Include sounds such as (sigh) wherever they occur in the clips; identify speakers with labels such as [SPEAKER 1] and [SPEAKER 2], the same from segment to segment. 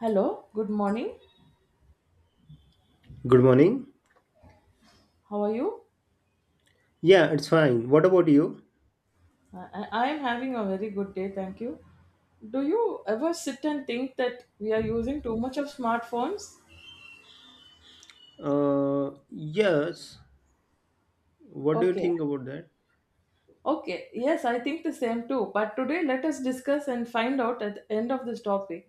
[SPEAKER 1] Hello, good morning.
[SPEAKER 2] Good morning.
[SPEAKER 1] How are you?
[SPEAKER 2] Yeah, it's fine. What about you?
[SPEAKER 1] I am having a very good day, thank you. Do you ever sit and think that we are using too much of smartphones?
[SPEAKER 2] Yes. What do you
[SPEAKER 1] Okay,
[SPEAKER 2] think about that?
[SPEAKER 1] okay, yes, I think the same too. But today, let us discuss and find out at the end of this topic,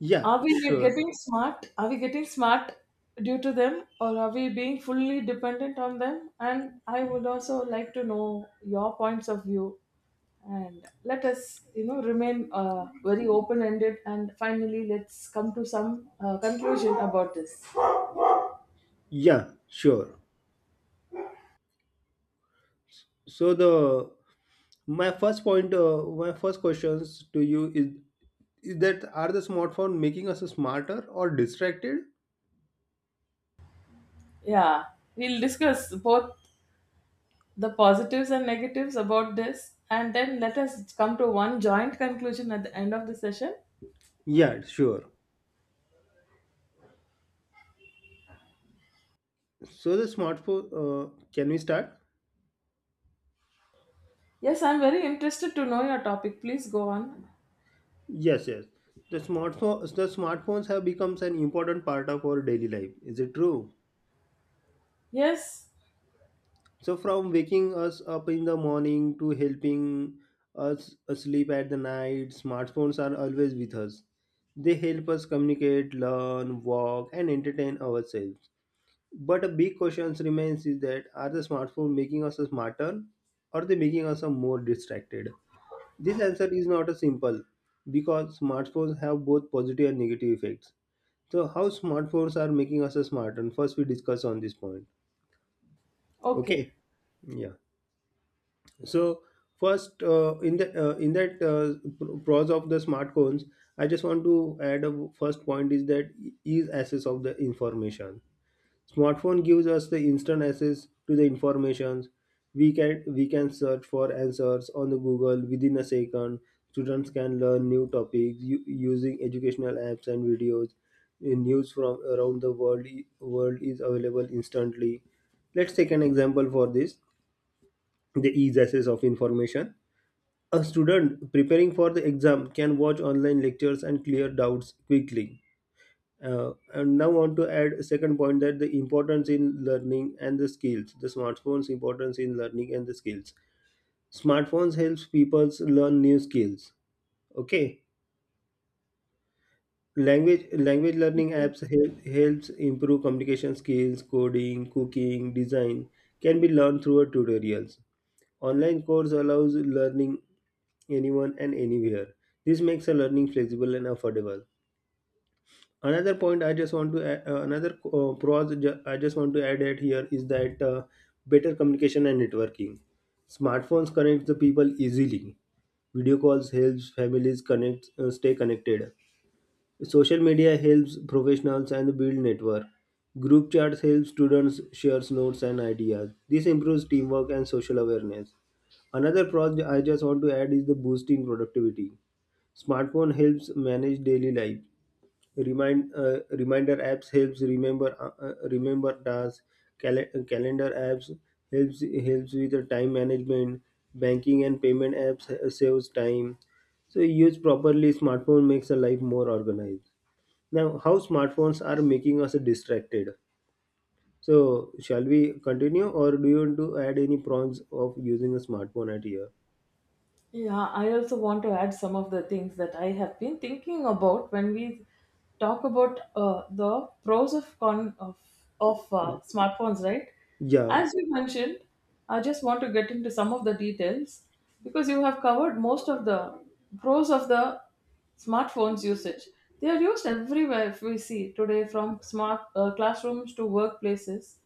[SPEAKER 2] Yeah,
[SPEAKER 1] are we
[SPEAKER 2] sure.
[SPEAKER 1] getting smart? Are we getting smart due to them, or are we being fully dependent on them? And I would also like to know your points of view. And let us, you know, remain very open-ended. And finally, let's come to some conclusion about this.
[SPEAKER 2] Yeah, sure. So the my first point, my first questions to you is that are the smartphone making us smarter or distracted?
[SPEAKER 1] Yeah, we'll discuss both the positives and negatives about this, and then let us come to one joint conclusion at the end of the session.
[SPEAKER 2] Yeah, sure. So the smartphone, can we start?
[SPEAKER 1] Yes, I'm very interested to know your topic. Please go on.
[SPEAKER 2] Yes. The smartphones have become an important part of our daily life. Is it true?
[SPEAKER 1] Yes.
[SPEAKER 2] So from waking us up in the morning to helping us asleep at the night, smartphones are always with us. They help us communicate, learn, walk, and entertain ourselves. But a big question remains is that are the smartphones making us smarter or they making us more distracted? This answer is not a simple because smartphones have both positive and negative effects. So how smartphones are making us smarter? First we discuss on this point.
[SPEAKER 1] Okay.
[SPEAKER 2] Okay. Yeah. So first, in the in that pros of the smartphones, I just want to add a first point is that is access of the information. Smartphone gives us the instant access to the informations. We can search for answers on the Google within a second. Students can learn new topics using educational apps and videos. News from around the world is available instantly. Let's take an example for this: the ease access of information a student preparing for the exam can watch online lectures and clear doubts quickly. And now want to add a second point that the importance in learning and the skills. The smartphones importance in learning and the skills. Smartphones helps people learn new skills. Okay. Language learning apps helps improve communication skills, coding, cooking, design can be learned through tutorials. Online course allows learning anyone and anywhere. This makes a learning flexible and affordable. Another point I just want to add, another I just want to add at here is that better communication and networking. Smartphones connect the people easily. Video calls helps families connect stay connected. Social media helps professionals and build network. Group chats help students share notes and ideas. This improves teamwork and social awareness. Another project I just want to add is the boosting productivity. Smartphone helps manage daily life. Reminder apps helps remember tasks. Calendar apps helps with the time management. Banking and payment apps saves time. So used properly, smartphone makes a life more organized. Now, how smartphones are making us distracted. So, shall we continue, or do you want to add any pros of using a smartphone at here?
[SPEAKER 1] Yeah, I also want to add some of the things that I have been thinking about when we talk about the pros of con of smartphones, right?
[SPEAKER 2] Yeah,
[SPEAKER 1] As you mentioned, I just want to get into some of the details because you have covered most of the pros of the smartphones usage. They are used everywhere. If we see today, from smart classrooms to workplaces.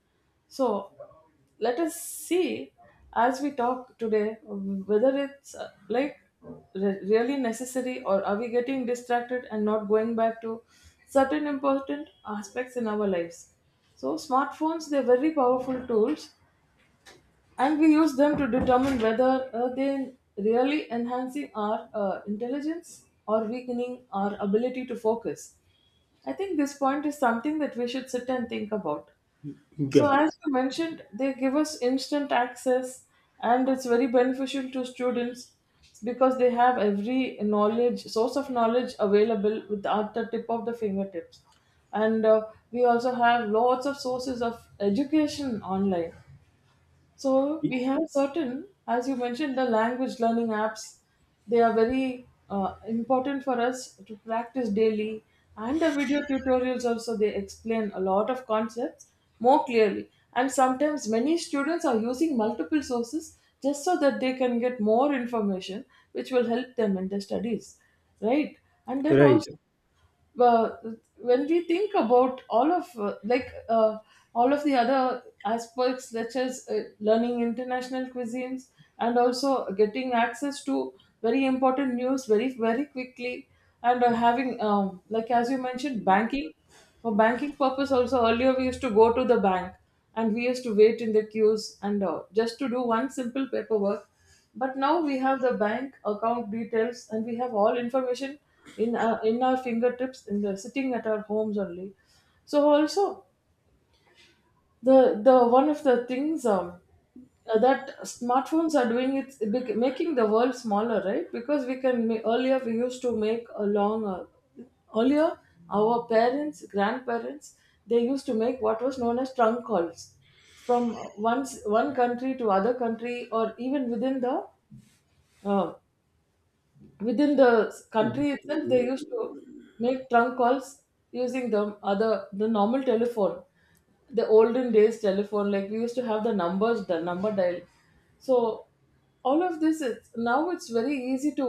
[SPEAKER 1] So let us see as we talk today whether it's like really necessary, or are we getting distracted and not going back to certain important aspects in our lives. So smartphones, they're very powerful tools, and we use them to determine whether they really enhancing our intelligence or weakening our ability to focus. I think this point is something that we should sit and think about. So,
[SPEAKER 2] yeah,
[SPEAKER 1] as you mentioned, they give us instant access, and it's very beneficial to students because they have every knowledge, source of knowledge available with at the tip of the fingertips. And we also have lots of sources of education online. So we have certain, as you mentioned, the language learning apps. They are very important for us to practice daily, and the video tutorials also, they explain a lot of concepts more clearly. And sometimes many students are using multiple sources just so that they can get more information, which will help them in their studies, right? And then
[SPEAKER 2] right.
[SPEAKER 1] also, well, when we think about all of all of the other aspects such as learning international cuisines and also getting access to very important news very very quickly, and having like as you mentioned banking, for banking purpose also, earlier we used to go to the bank and we used to wait in the queues, and just to do one simple paperwork, but now we have the bank account details and we have all information in our fingertips, in the sitting at our homes only. So also, the the one of the things that smartphones are doing, it's making the world smaller, right? Because we can earlier we used to make a long earlier, our parents, grandparents, they used to make what was known as trunk calls from one country to other country, or even uh, within the
[SPEAKER 2] Mhm.
[SPEAKER 1] country itself, they used to make trunk calls using the other, the normal telephone, the olden days telephone, like we used to have the numbers, the number dial. So all of this is now it's very easy to,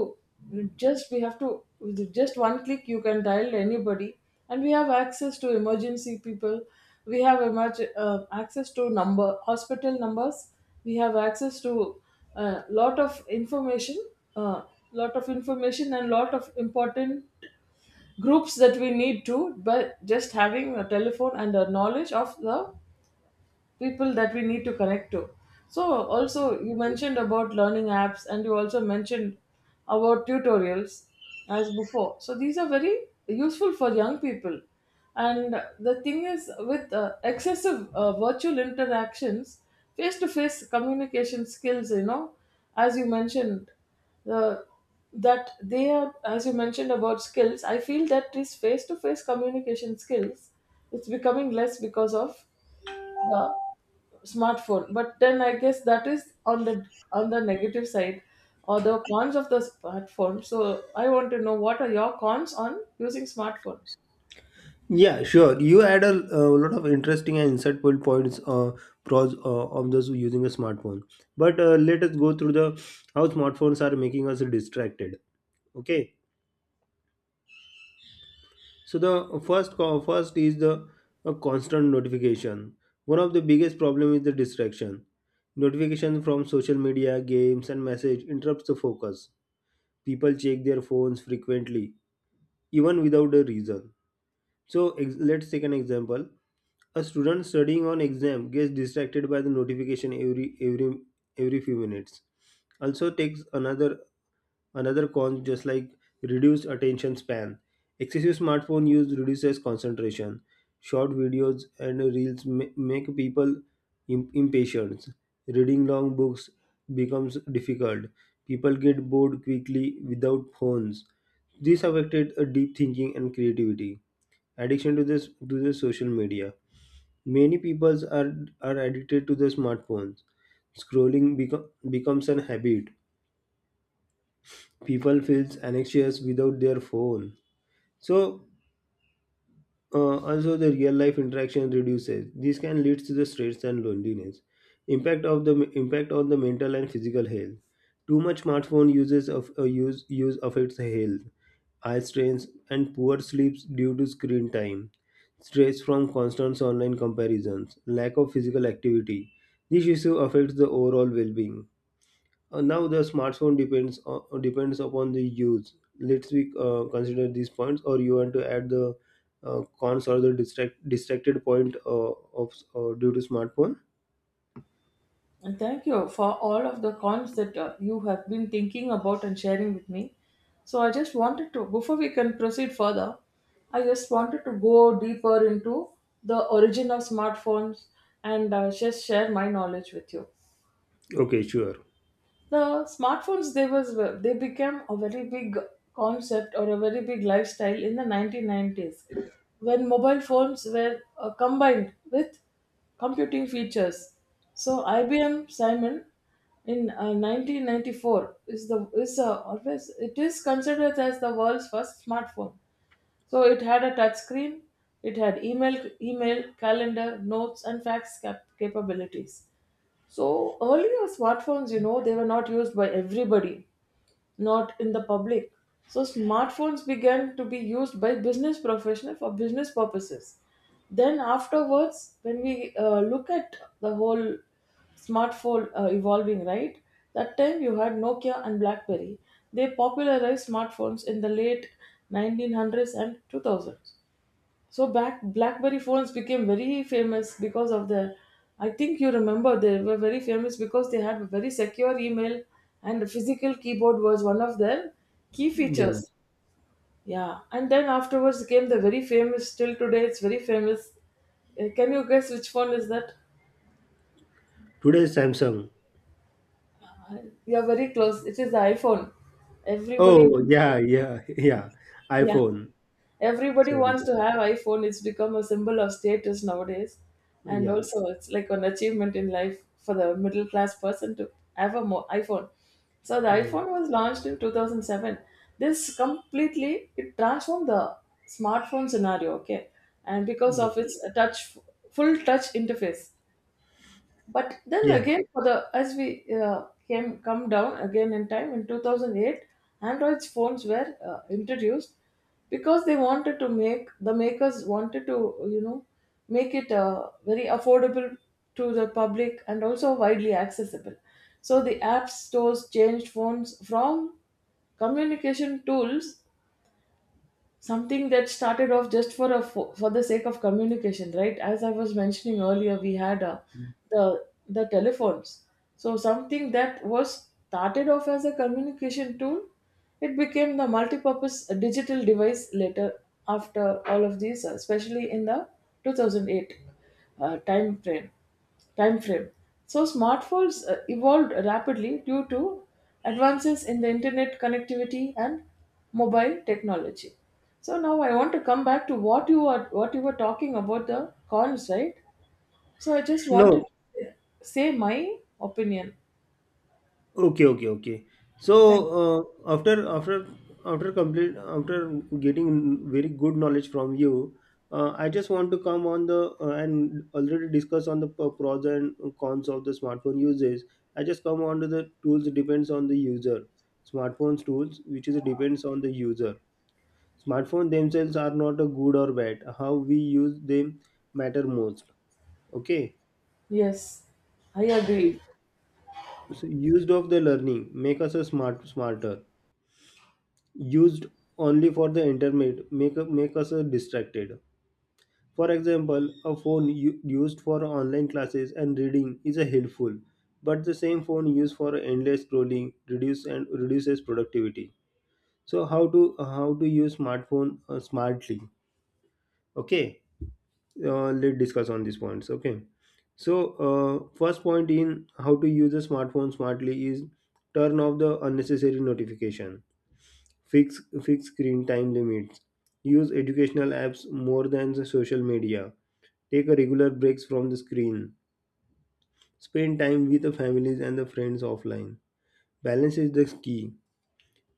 [SPEAKER 1] just we have to, with just one click you can dial anybody, and we have access to emergency people, we have access to number hospital numbers, we have access to a lot of information, uh, lot of information and lot of important groups that we need to, but just having a telephone and a knowledge of the people that we need to connect to. So also you mentioned about learning apps and you also mentioned about tutorials as before. So these are very useful for young people. And the thing is, with excessive virtual interactions, face-to-face communication skills, you know, as you mentioned, the that they are, as you mentioned about skills, I feel that this face-to-face communication skills, it's becoming less because of the smartphone. But then I guess that is on the, on the negative side, or the cons of the smartphone. So I want to know what are your cons on using smartphones.
[SPEAKER 2] Yeah, sure. You add a lot of interesting and insightful points, pros of those using a smartphone. But let us go through the how smartphones are making us distracted. Okay. So the first is the a constant notification. One of the biggest problem is the distraction. Notification from social media, games, and message interrupts the focus. People check their phones frequently, even without a reason. So let's take an example. A student studying on exam gets distracted by the notification every every few minutes. Also takes another. Another con, just like reduced attention span. Excessive smartphone use reduces concentration. Short videos and reels make people impatient. Reading long books becomes difficult. People get bored quickly without phones. This affected deep thinking and creativity. Addiction to this to the social media. Many people are addicted to the smartphones. Scrolling becomes an habit people feels anxious without their phone so also the real life interaction reduces this can lead to the stress and loneliness impact of the impact on the mental and physical health too much smartphone uses of use use affects the health eye strains and poor sleeps due to screen time stress from constant online comparisons lack of physical activity this issue affects the overall well-being. Now the smartphone depends upon the use. Let's we consider these points, or you want to add the cons or the distracted point of due to smartphone.
[SPEAKER 1] And thank you for all of the cons that you have been thinking about and sharing with me. So I just wanted, to before we can proceed further, I just wanted to go deeper into the origin of smartphones and just share my knowledge with you.
[SPEAKER 2] Okay, sure.
[SPEAKER 1] The smartphones, they became a very big concept or a very big lifestyle in the 1990s, when mobile phones were combined with computing features. So IBM Simon in 1994 is the is always, it is considered as the world's first smartphone. So it had a touch screen, it had email, calendar, notes and fax capabilities. So earlier smartphones, you know, they were not used by everybody, not in the public. So smartphones began to be used by business professionals for business purposes. Then afterwards, when we look at the whole smartphone evolving, right? That time you had Nokia and BlackBerry. They popularized smartphones in the late 1900s and 2000s. So back, BlackBerry phones became very famous because of the, I think you remember, they were very famous because they had a very secure email, and a physical keyboard was one of their key features.
[SPEAKER 2] Yes.
[SPEAKER 1] Yeah, and then afterwards came the very famous, till today it's very famous. Can you guess which phone is that?
[SPEAKER 2] Today Samsung.
[SPEAKER 1] I- You are very close. It is the iPhone. Everybody
[SPEAKER 2] Oh
[SPEAKER 1] wants.
[SPEAKER 2] yeah, yeah, (laughs) yeah.
[SPEAKER 1] Yeah,
[SPEAKER 2] iPhone.
[SPEAKER 1] everybody
[SPEAKER 2] Sorry,
[SPEAKER 1] wants
[SPEAKER 2] sir.
[SPEAKER 1] to have iPhone. It's become a symbol of status nowadays, and
[SPEAKER 2] Yeah.
[SPEAKER 1] also it's like an achievement in life for the middle class person to have a iPhone. So the iPhone
[SPEAKER 2] Yes.
[SPEAKER 1] was launched in 2007. This completely, it transformed the smartphone scenario. Okay, and because of
[SPEAKER 2] Yes.
[SPEAKER 1] its touch full touch interface. But then
[SPEAKER 2] Yes.
[SPEAKER 1] again, for the, as we came come down again in time, in 2008, Android phones were introduced because they wanted to make, the makers wanted to, you know, make it very affordable to the public and also widely accessible. So the app stores changed phones from communication tools, something that started off just for a for the sake of communication, right? As I was mentioning earlier, we had the telephones. So something that was started off as a communication tool, it became the multi-purpose digital device later, after all of these especially in the 2008 uh, time frame time frame. So smartphones evolved rapidly due to advances in the internet connectivity and mobile technology. So now I want to come back to what you are, what you were talking about, the cons, right? So I just wanted
[SPEAKER 2] No.
[SPEAKER 1] to say my opinion.
[SPEAKER 2] Okay, okay, okay. So after getting very good knowledge from you, I just want to come on the and already discuss on the pros and cons of the smartphone uses. I just come on to the tools depends on the user. Smartphones tools which is depends on the user. Smartphone themselves are not a good or bad. How we use them matter most. Okay.
[SPEAKER 1] Yes, I
[SPEAKER 2] So,
[SPEAKER 1] agree.
[SPEAKER 2] so used of the learning make us a smarter used only for the internet make us distracted. For example, a phone used for online classes and reading is a helpful, but the same phone used for endless scrolling reduces productivity. So how to use smartphone smartly? Okay, let's discuss on these points. Okay, so first point in how to use a smartphone smartly is turn off the unnecessary notification. Fix screen time limits. Use educational apps more than the social media. Take a regular breaks from the screen. Spend time with the families and the friends offline. Balance is the key.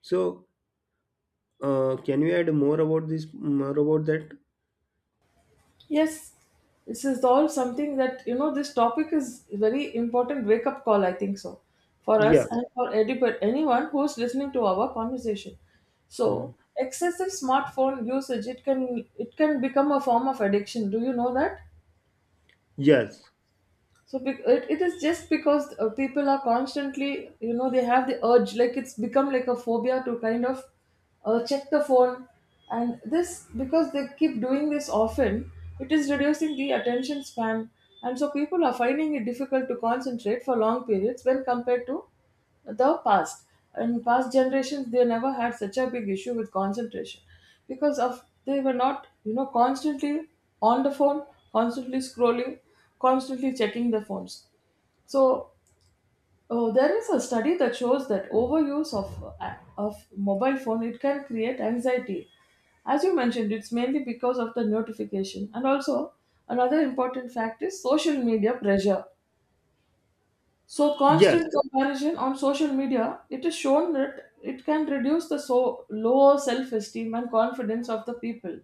[SPEAKER 2] So, can you add more about this? More about that?
[SPEAKER 1] Yes, this is all something that, you know, this topic is very important wake up call, I think so, for
[SPEAKER 2] Yeah.
[SPEAKER 1] us and for anyone who is listening to our conversation.
[SPEAKER 2] Hmm.
[SPEAKER 1] So excessive smartphone usage, it can become a form of addiction. Do you know that?
[SPEAKER 2] Yes.
[SPEAKER 1] So it is just because people are constantly, you know, they have the urge, like it's become like a phobia to kind of check the phone. And this, because they keep doing this often, it is reducing the attention span. And so people are finding it difficult to concentrate for long periods when compared to the past. In past generations, they never had such a big issue with concentration because of, they were not, you know, constantly on the phone, constantly scrolling, constantly checking the phones. So there is a study that shows that overuse of mobile phone, it can create anxiety. As you mentioned, it's mainly because of the notification, and also another important fact is social media pressure. So
[SPEAKER 2] Yes.
[SPEAKER 1] constant comparison on social media, it is shown that it can reduce the, so low self-esteem and confidence of the people.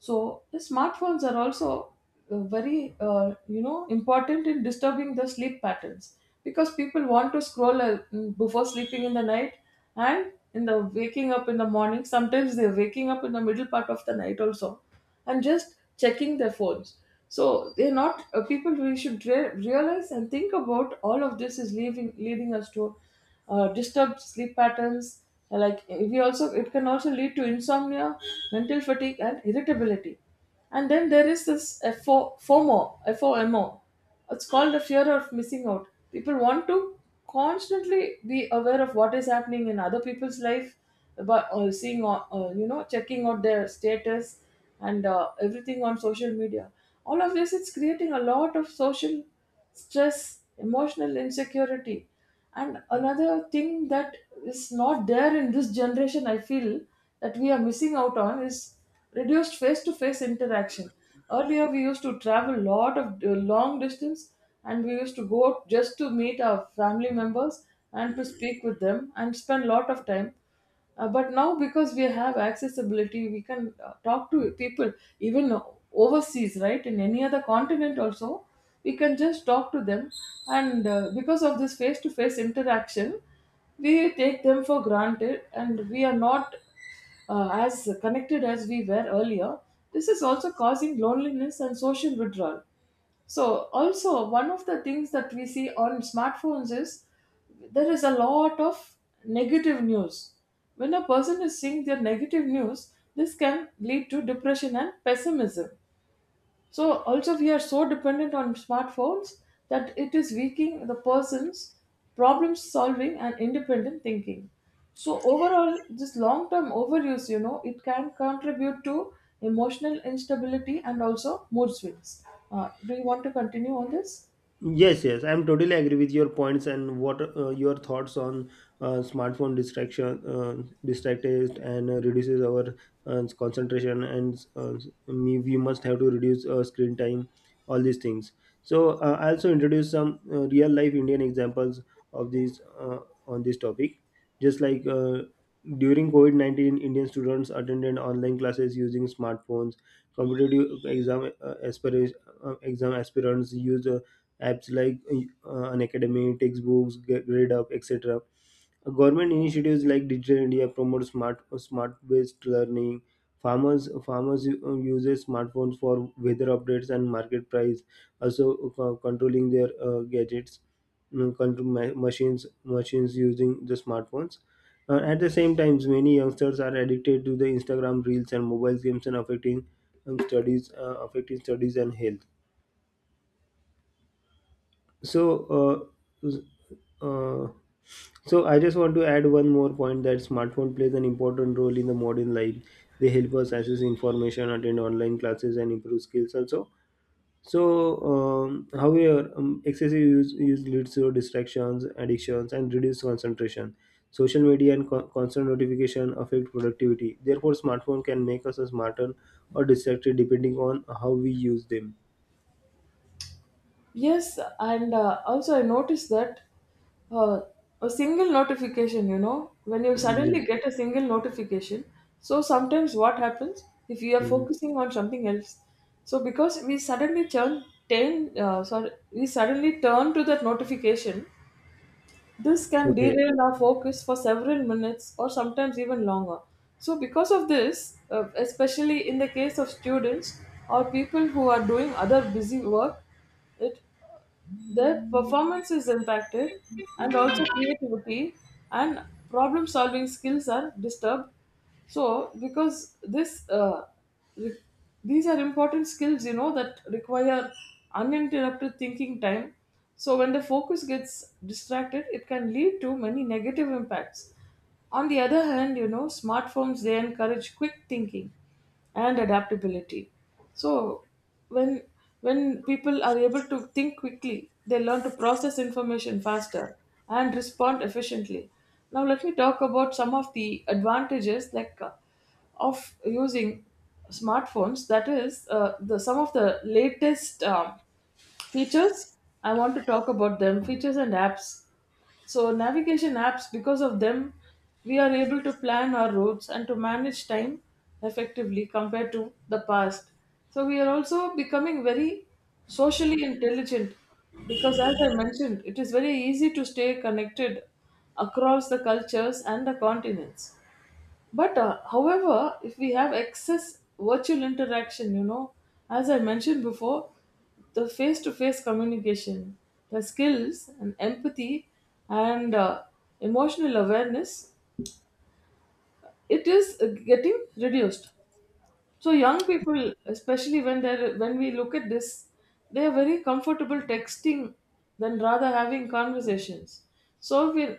[SPEAKER 1] So the smartphones are also very you know, important in disturbing the sleep patterns because people want to scroll before sleeping in the night and in the waking up in the morning. Sometimes they're waking up in the middle part of the night also and just checking their phones. So they're not people, we should realize and think about all of this is leaving, leading us to disturbed sleep patterns. Like we also, it can also lead to insomnia, mental fatigue, and irritability. And then there is this FOMO. F O M O. It's called the fear of missing out. People want to constantly be aware of what is happening in other people's life, about seeing, checking out their status and everything on social media. All of this, it's creating a lot of social stress, emotional insecurity. And another thing that is not there in this generation, I feel that we are missing out on is reduced face to face interaction. Earlier, we used to travel a lot of long distance and we used to go out just to meet our family members and to speak with them and spend a lot of time. But now because we have accessibility, we can talk to people even overseas, right? In any other continent also, we can just talk to them. And because of this face-to-face interaction, we take them for granted, and we are not as connected as we were earlier. This is also causing loneliness and social withdrawal. So also one of the things that we see on smartphones is there is a lot of negative news. When a person is seeing their negative news, this can lead to depression and pessimism. So also we are so dependent on smartphones that it is weakening the person's problem solving and independent thinking. So overall, this long-term overuse, it can contribute to emotional instability and also mood swings. Do you want to continue on this?
[SPEAKER 2] Yes, yes, I'm totally agree with your points and what your thoughts on smartphone distracted and reduces our concentration and we must have to reduce screen time, all these things. So I also introduce some real life Indian examples of these on this topic. Just like during COVID 19, Indian students attended online classes using smartphones. Competitive exam exam aspirants used. Apps like an academy, textbooks, grade up, etc. Government initiatives like Digital India promote smart-based learning. Farmers uses smartphones for weather updates and market price, also controlling their gadgets, machines using the smartphones. At the same times, many youngsters are addicted to the Instagram reels and mobile games and affecting affecting studies and health. So, uh, Uh, so I just want to add one more point that smartphone plays an important role in the modern life. They help us access information, attend online classes, and improve skills also. So, however, excessive use leads to distractions, addictions, and reduced concentration. Social media and constant notification affect productivity. Therefore, smartphone can make us smarter or distracted depending on how we use them.
[SPEAKER 1] Yes, and also I noticed that uh, a single notification, when you suddenly
[SPEAKER 2] Yes.
[SPEAKER 1] get a single notification, so sometimes what happens if you are
[SPEAKER 2] Mhm.
[SPEAKER 1] focusing on something else? So because we suddenly turn to that notification, this can
[SPEAKER 2] Okay.
[SPEAKER 1] derail our focus for several minutes or sometimes even longer. So because of this, especially in the case of students or people who are doing other busy work, it their performance is impacted, and also creativity and problem solving skills are disturbed. So, because re- these are important skills, that require uninterrupted thinking time. So, when the focus gets distracted, it can lead to many negative impacts. On the other hand, smartphones they encourage quick thinking and adaptability. So when when people are able to think quickly, they learn to process information faster and respond efficiently. Now let me talk about some of the advantages like of using smartphones. That is the some of the latest. Features, I want to talk about them. Features and apps. So, navigation apps, because of them, we are able to plan our routes and to manage time effectively compared to the past. So, we are also becoming very socially intelligent because, as I mentioned, it is very easy to stay connected across the cultures and the continents. But however, if we have excess virtual interaction, as I mentioned before, the face to face communication, the skills and empathy and emotional awareness, it is getting reduced. So young people, especially when we look at this, they are very comfortable texting than rather having conversations. So we,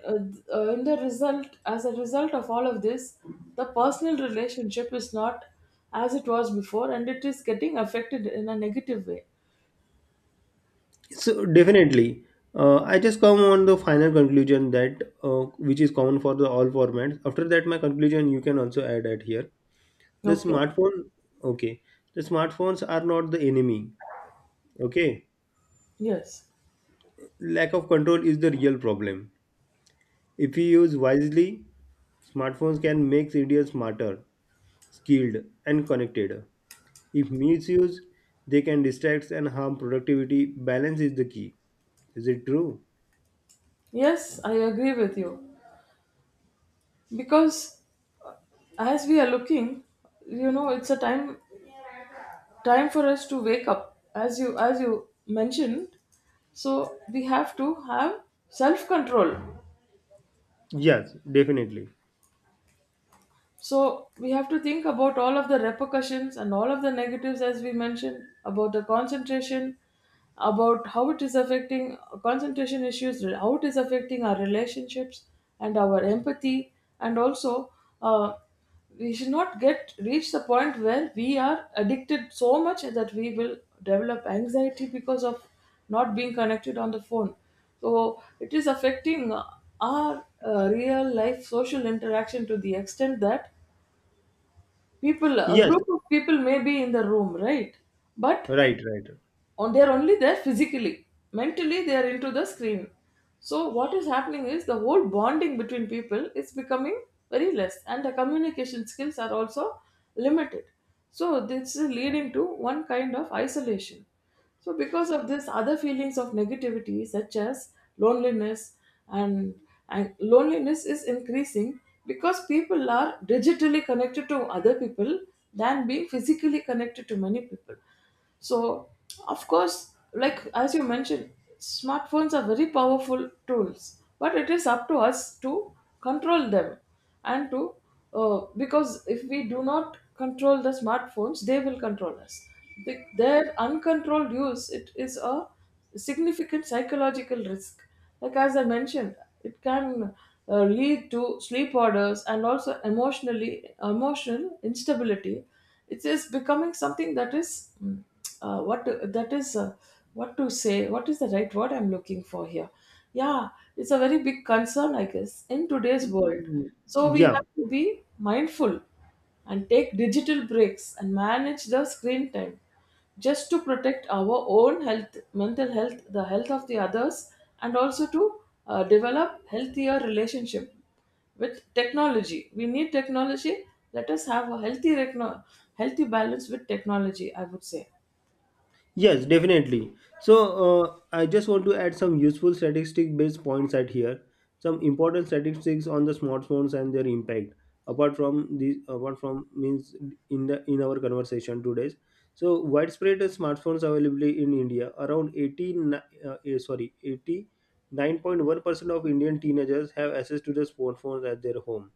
[SPEAKER 1] in the result, as a result of all of this, the personal relationship is not as it was before, and it is getting affected in a negative way.
[SPEAKER 2] So definitely, I just come on the final conclusion that which is common for the all formats. After that, my conclusion you can also add at here. The
[SPEAKER 1] Okay.
[SPEAKER 2] smartphone, okay, the smartphones are not the enemy. Okay,
[SPEAKER 1] Yes.
[SPEAKER 2] lack of control is the real problem. If we use wisely, smartphones can make India smarter, skilled, and connected. If misused, they can distract and harm productivity. Balance is the key. Is it true?
[SPEAKER 1] Yes, I agree with you. Because as we are looking, it's a time for us to wake up, as you mentioned. So we have to have self control.
[SPEAKER 2] Yes, definitely.
[SPEAKER 1] So we have to think about all of the repercussions and all of the negatives, as we mentioned, about the concentration, about how it is affecting concentration issues, how it is affecting our relationships and our empathy, and also uh, we should not get reach the point where we are addicted so much that we will develop anxiety because of not being connected on the phone. So it is affecting our real life social interaction to the extent that people, a
[SPEAKER 2] Yes.
[SPEAKER 1] group of people may be in the room, right, but
[SPEAKER 2] Right, right.
[SPEAKER 1] on they're only there physically, mentally they're into the screen. So what is happening is the whole bonding between people is becoming very less, and the communication skills are also limited. So this is leading to one kind of isolation. So because of this, other feelings of negativity such as loneliness and, and loneliness is increasing, because people are digitally connected to other people than being physically connected to many people. So, of course, like as you mentioned, smartphones are very powerful tools, but it is up to us to control them, and to because if we do not control the smartphones, they will control us. Their uncontrolled use, it is a significant psychological risk. Like as I mentioned, it can lead to sleep disorders and also emotional instability. It is becoming something that is uh, what to- that is uh, what to say. What is the right word I'm looking for here? Yeah, it's a very big concern, I guess, in today's world.
[SPEAKER 2] Mm.
[SPEAKER 1] So we
[SPEAKER 2] Yeah.
[SPEAKER 1] have to be mindful and take digital breaks and manage the screen time just to protect our own health, mental health, the health of the others, and also to develop healthier relationship with technology. We need technology. Let us have a healthy balance with technology, I would say.
[SPEAKER 2] Yes, definitely. So I just want to add some useful statistic-based points at here. Some important statistics on the smartphones and their impact. Apart from means in the in our conversation today. So widespread smartphones availability in India. Around 89.1 percent of Indian teenagers have access to the smartphones at their home.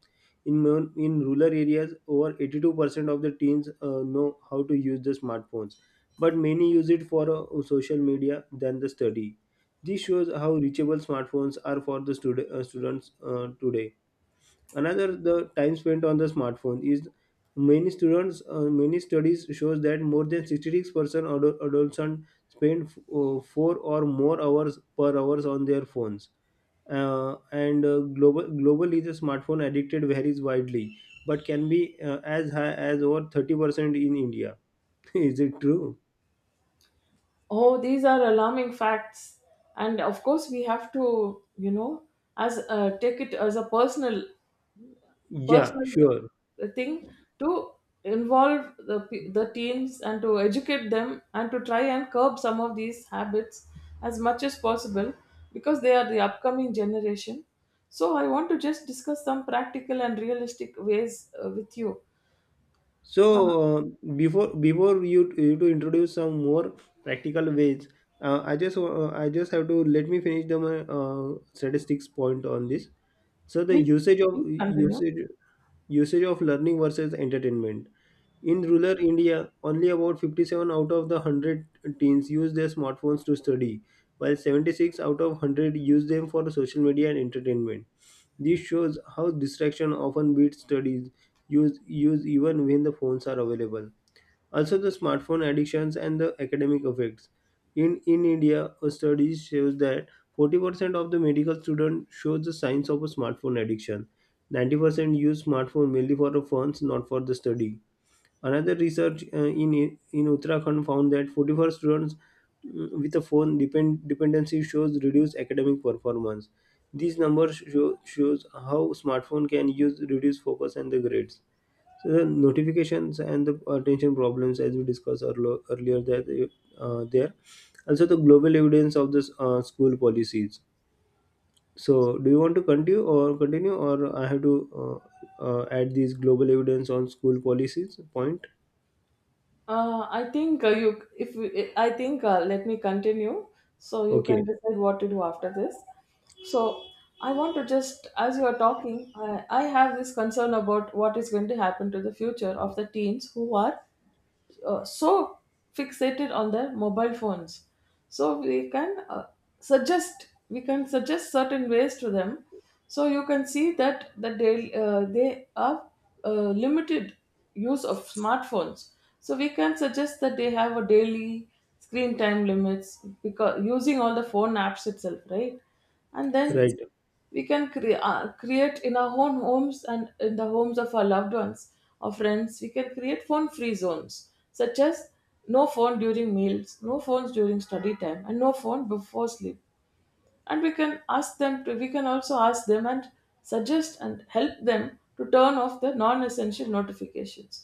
[SPEAKER 2] In rural areas, over 82 percent of the teens know how to use the smartphones but many use it for social media than the study. This shows how reachable smartphones are for the students today. Another the time spent on the smartphone is many studies shows that more than 66% adolescents spend 4 or more hours per hours on their phones. And global globally the smartphone addicted varies widely but can be as high as over 30% in India. (laughs) is it true?
[SPEAKER 1] Oh, these are alarming facts, and of course we have to, you know as take it as a personal
[SPEAKER 2] Yeah,
[SPEAKER 1] personal
[SPEAKER 2] sure.
[SPEAKER 1] thing, to involve the teens and to educate them and to try and curb some of these habits as much as possible, because they are the upcoming generation. So I want to just discuss some practical and realistic ways with you.
[SPEAKER 2] So
[SPEAKER 1] Uh,
[SPEAKER 2] before before you you to introduce some more practical ways, I just have to let me finish the my, statistics point on this. So the
[SPEAKER 1] Please,
[SPEAKER 2] usage of
[SPEAKER 1] please continue.
[SPEAKER 2] usage usage of learning versus entertainment in rural India, only about 57 out of the 100 teens use their smartphones to study, while 76 out of 100 use them for social media and entertainment. This shows how distraction often beats studies use even when the phones are available. Also, the smartphone addictions and the academic effects. In India, a study shows that 40% of the medical students show the signs of a smartphone addiction. 90% use smartphone mainly for the phones, not for the study. Another research in Uttarakhand found that 44 students with a phone dependency shows reduced academic performance. These numbers shows how smartphone can use reduce focus and the grades. So the notifications and the attention problems, as we discussed earlier, that there also the global evidence of this school policies. So do you want to continue, or I have to add these global evidence on school policies point?
[SPEAKER 1] I think, let me continue so you can
[SPEAKER 2] Okay,
[SPEAKER 1] decide what to do after this. So I want to just, as you are talking, I have this concern about what is going to happen to the future of the teens who are so fixated on their mobile phones. So we can suggest certain ways to them, so you can see that they, they are limited use of smartphones. So we can suggest that they have a daily screen time limits, because using all the phone apps itself, right? And then
[SPEAKER 2] right.
[SPEAKER 1] we can create in our own homes and in the homes of our loved ones or friends. We can create phone free zones, such as no phone during meals, no phones during study time, and no phone before sleep. And we can ask them and suggest and help them to turn off the non-essential notifications,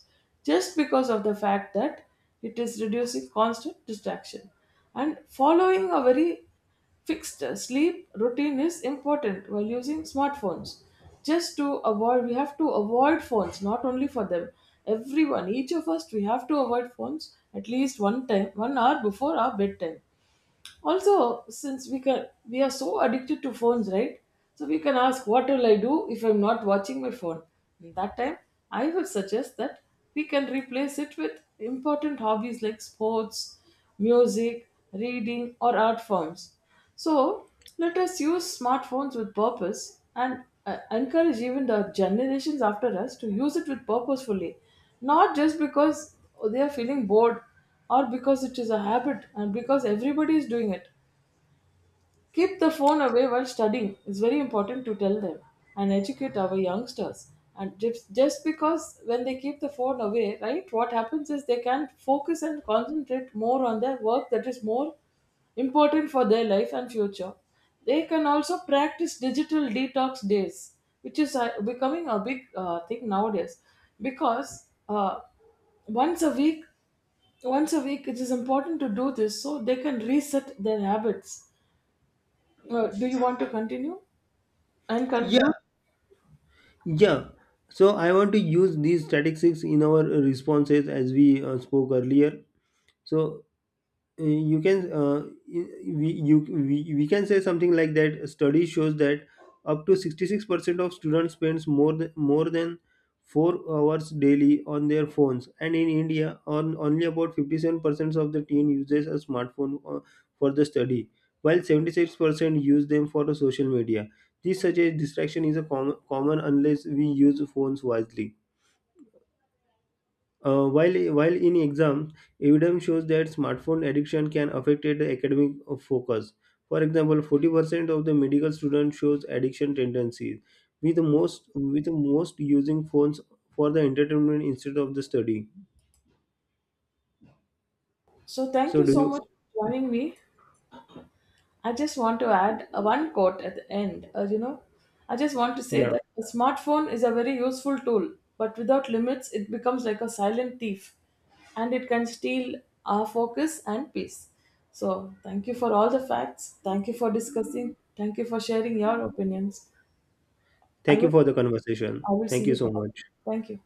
[SPEAKER 1] just because of the fact that it is reducing constant distraction. And following a very fixed sleep routine is important while using smartphones. Just to avoid we have to avoid phones, not only for them, everyone, each of us, we have to avoid phones at least 1 hour before our bedtime. Also, since we are so addicted to phones, right, so we can ask, what will I do if I'm not watching my phone? And that time, I would suggest that we can replace it with important hobbies like sports, music, reading, or art forms. So let us use smartphones with purpose, and encourage even the generations after us to use it with purposefully, not just because they are feeling bored, or because it is a habit and because everybody is doing it. Keep the phone away while studying. It's very important to tell them and educate our youngsters. And just because when they keep the phone away, right, what happens is they can focus and concentrate more on their work, that is more important for their life and future. They can also practice digital detox days, which is becoming a big thing nowadays, because once a week once a week, it is important to do this, so they can reset their habits. Do you want to continue and
[SPEAKER 2] Yeah,
[SPEAKER 1] conclude?
[SPEAKER 2] yeah. So I want to use these statistics in our responses as we spoke earlier. So you can we you we can say something like that study shows that up to 66% of students spends more than 4 hours daily on their phones and in india on only about 57% of the teen uses a smartphone for the study while 76% use them for the social media this such a distraction is a common unless we use phones wisely. While in exam, evidence shows that smartphone addiction can affect the academic focus. For example, 40% of the medical students shows addiction tendencies, with most using phones for the entertainment instead of the study.
[SPEAKER 1] So, thank
[SPEAKER 2] So
[SPEAKER 1] you
[SPEAKER 2] do
[SPEAKER 1] so much
[SPEAKER 2] you?
[SPEAKER 1] for joining me. I just want to add one quote at the end. I just want to say
[SPEAKER 2] Yeah.
[SPEAKER 1] that a smartphone is a very useful tool, but without limits, it becomes like a silent thief, and it can steal our focus and peace. So, thank you for all the facts. Thank you for discussing. Thank you for sharing your opinions. I
[SPEAKER 2] Thank you
[SPEAKER 1] will,
[SPEAKER 2] for the conversation.
[SPEAKER 1] I will
[SPEAKER 2] Thank
[SPEAKER 1] see
[SPEAKER 2] you
[SPEAKER 1] you.
[SPEAKER 2] so
[SPEAKER 1] All
[SPEAKER 2] much.
[SPEAKER 1] that. Thank you.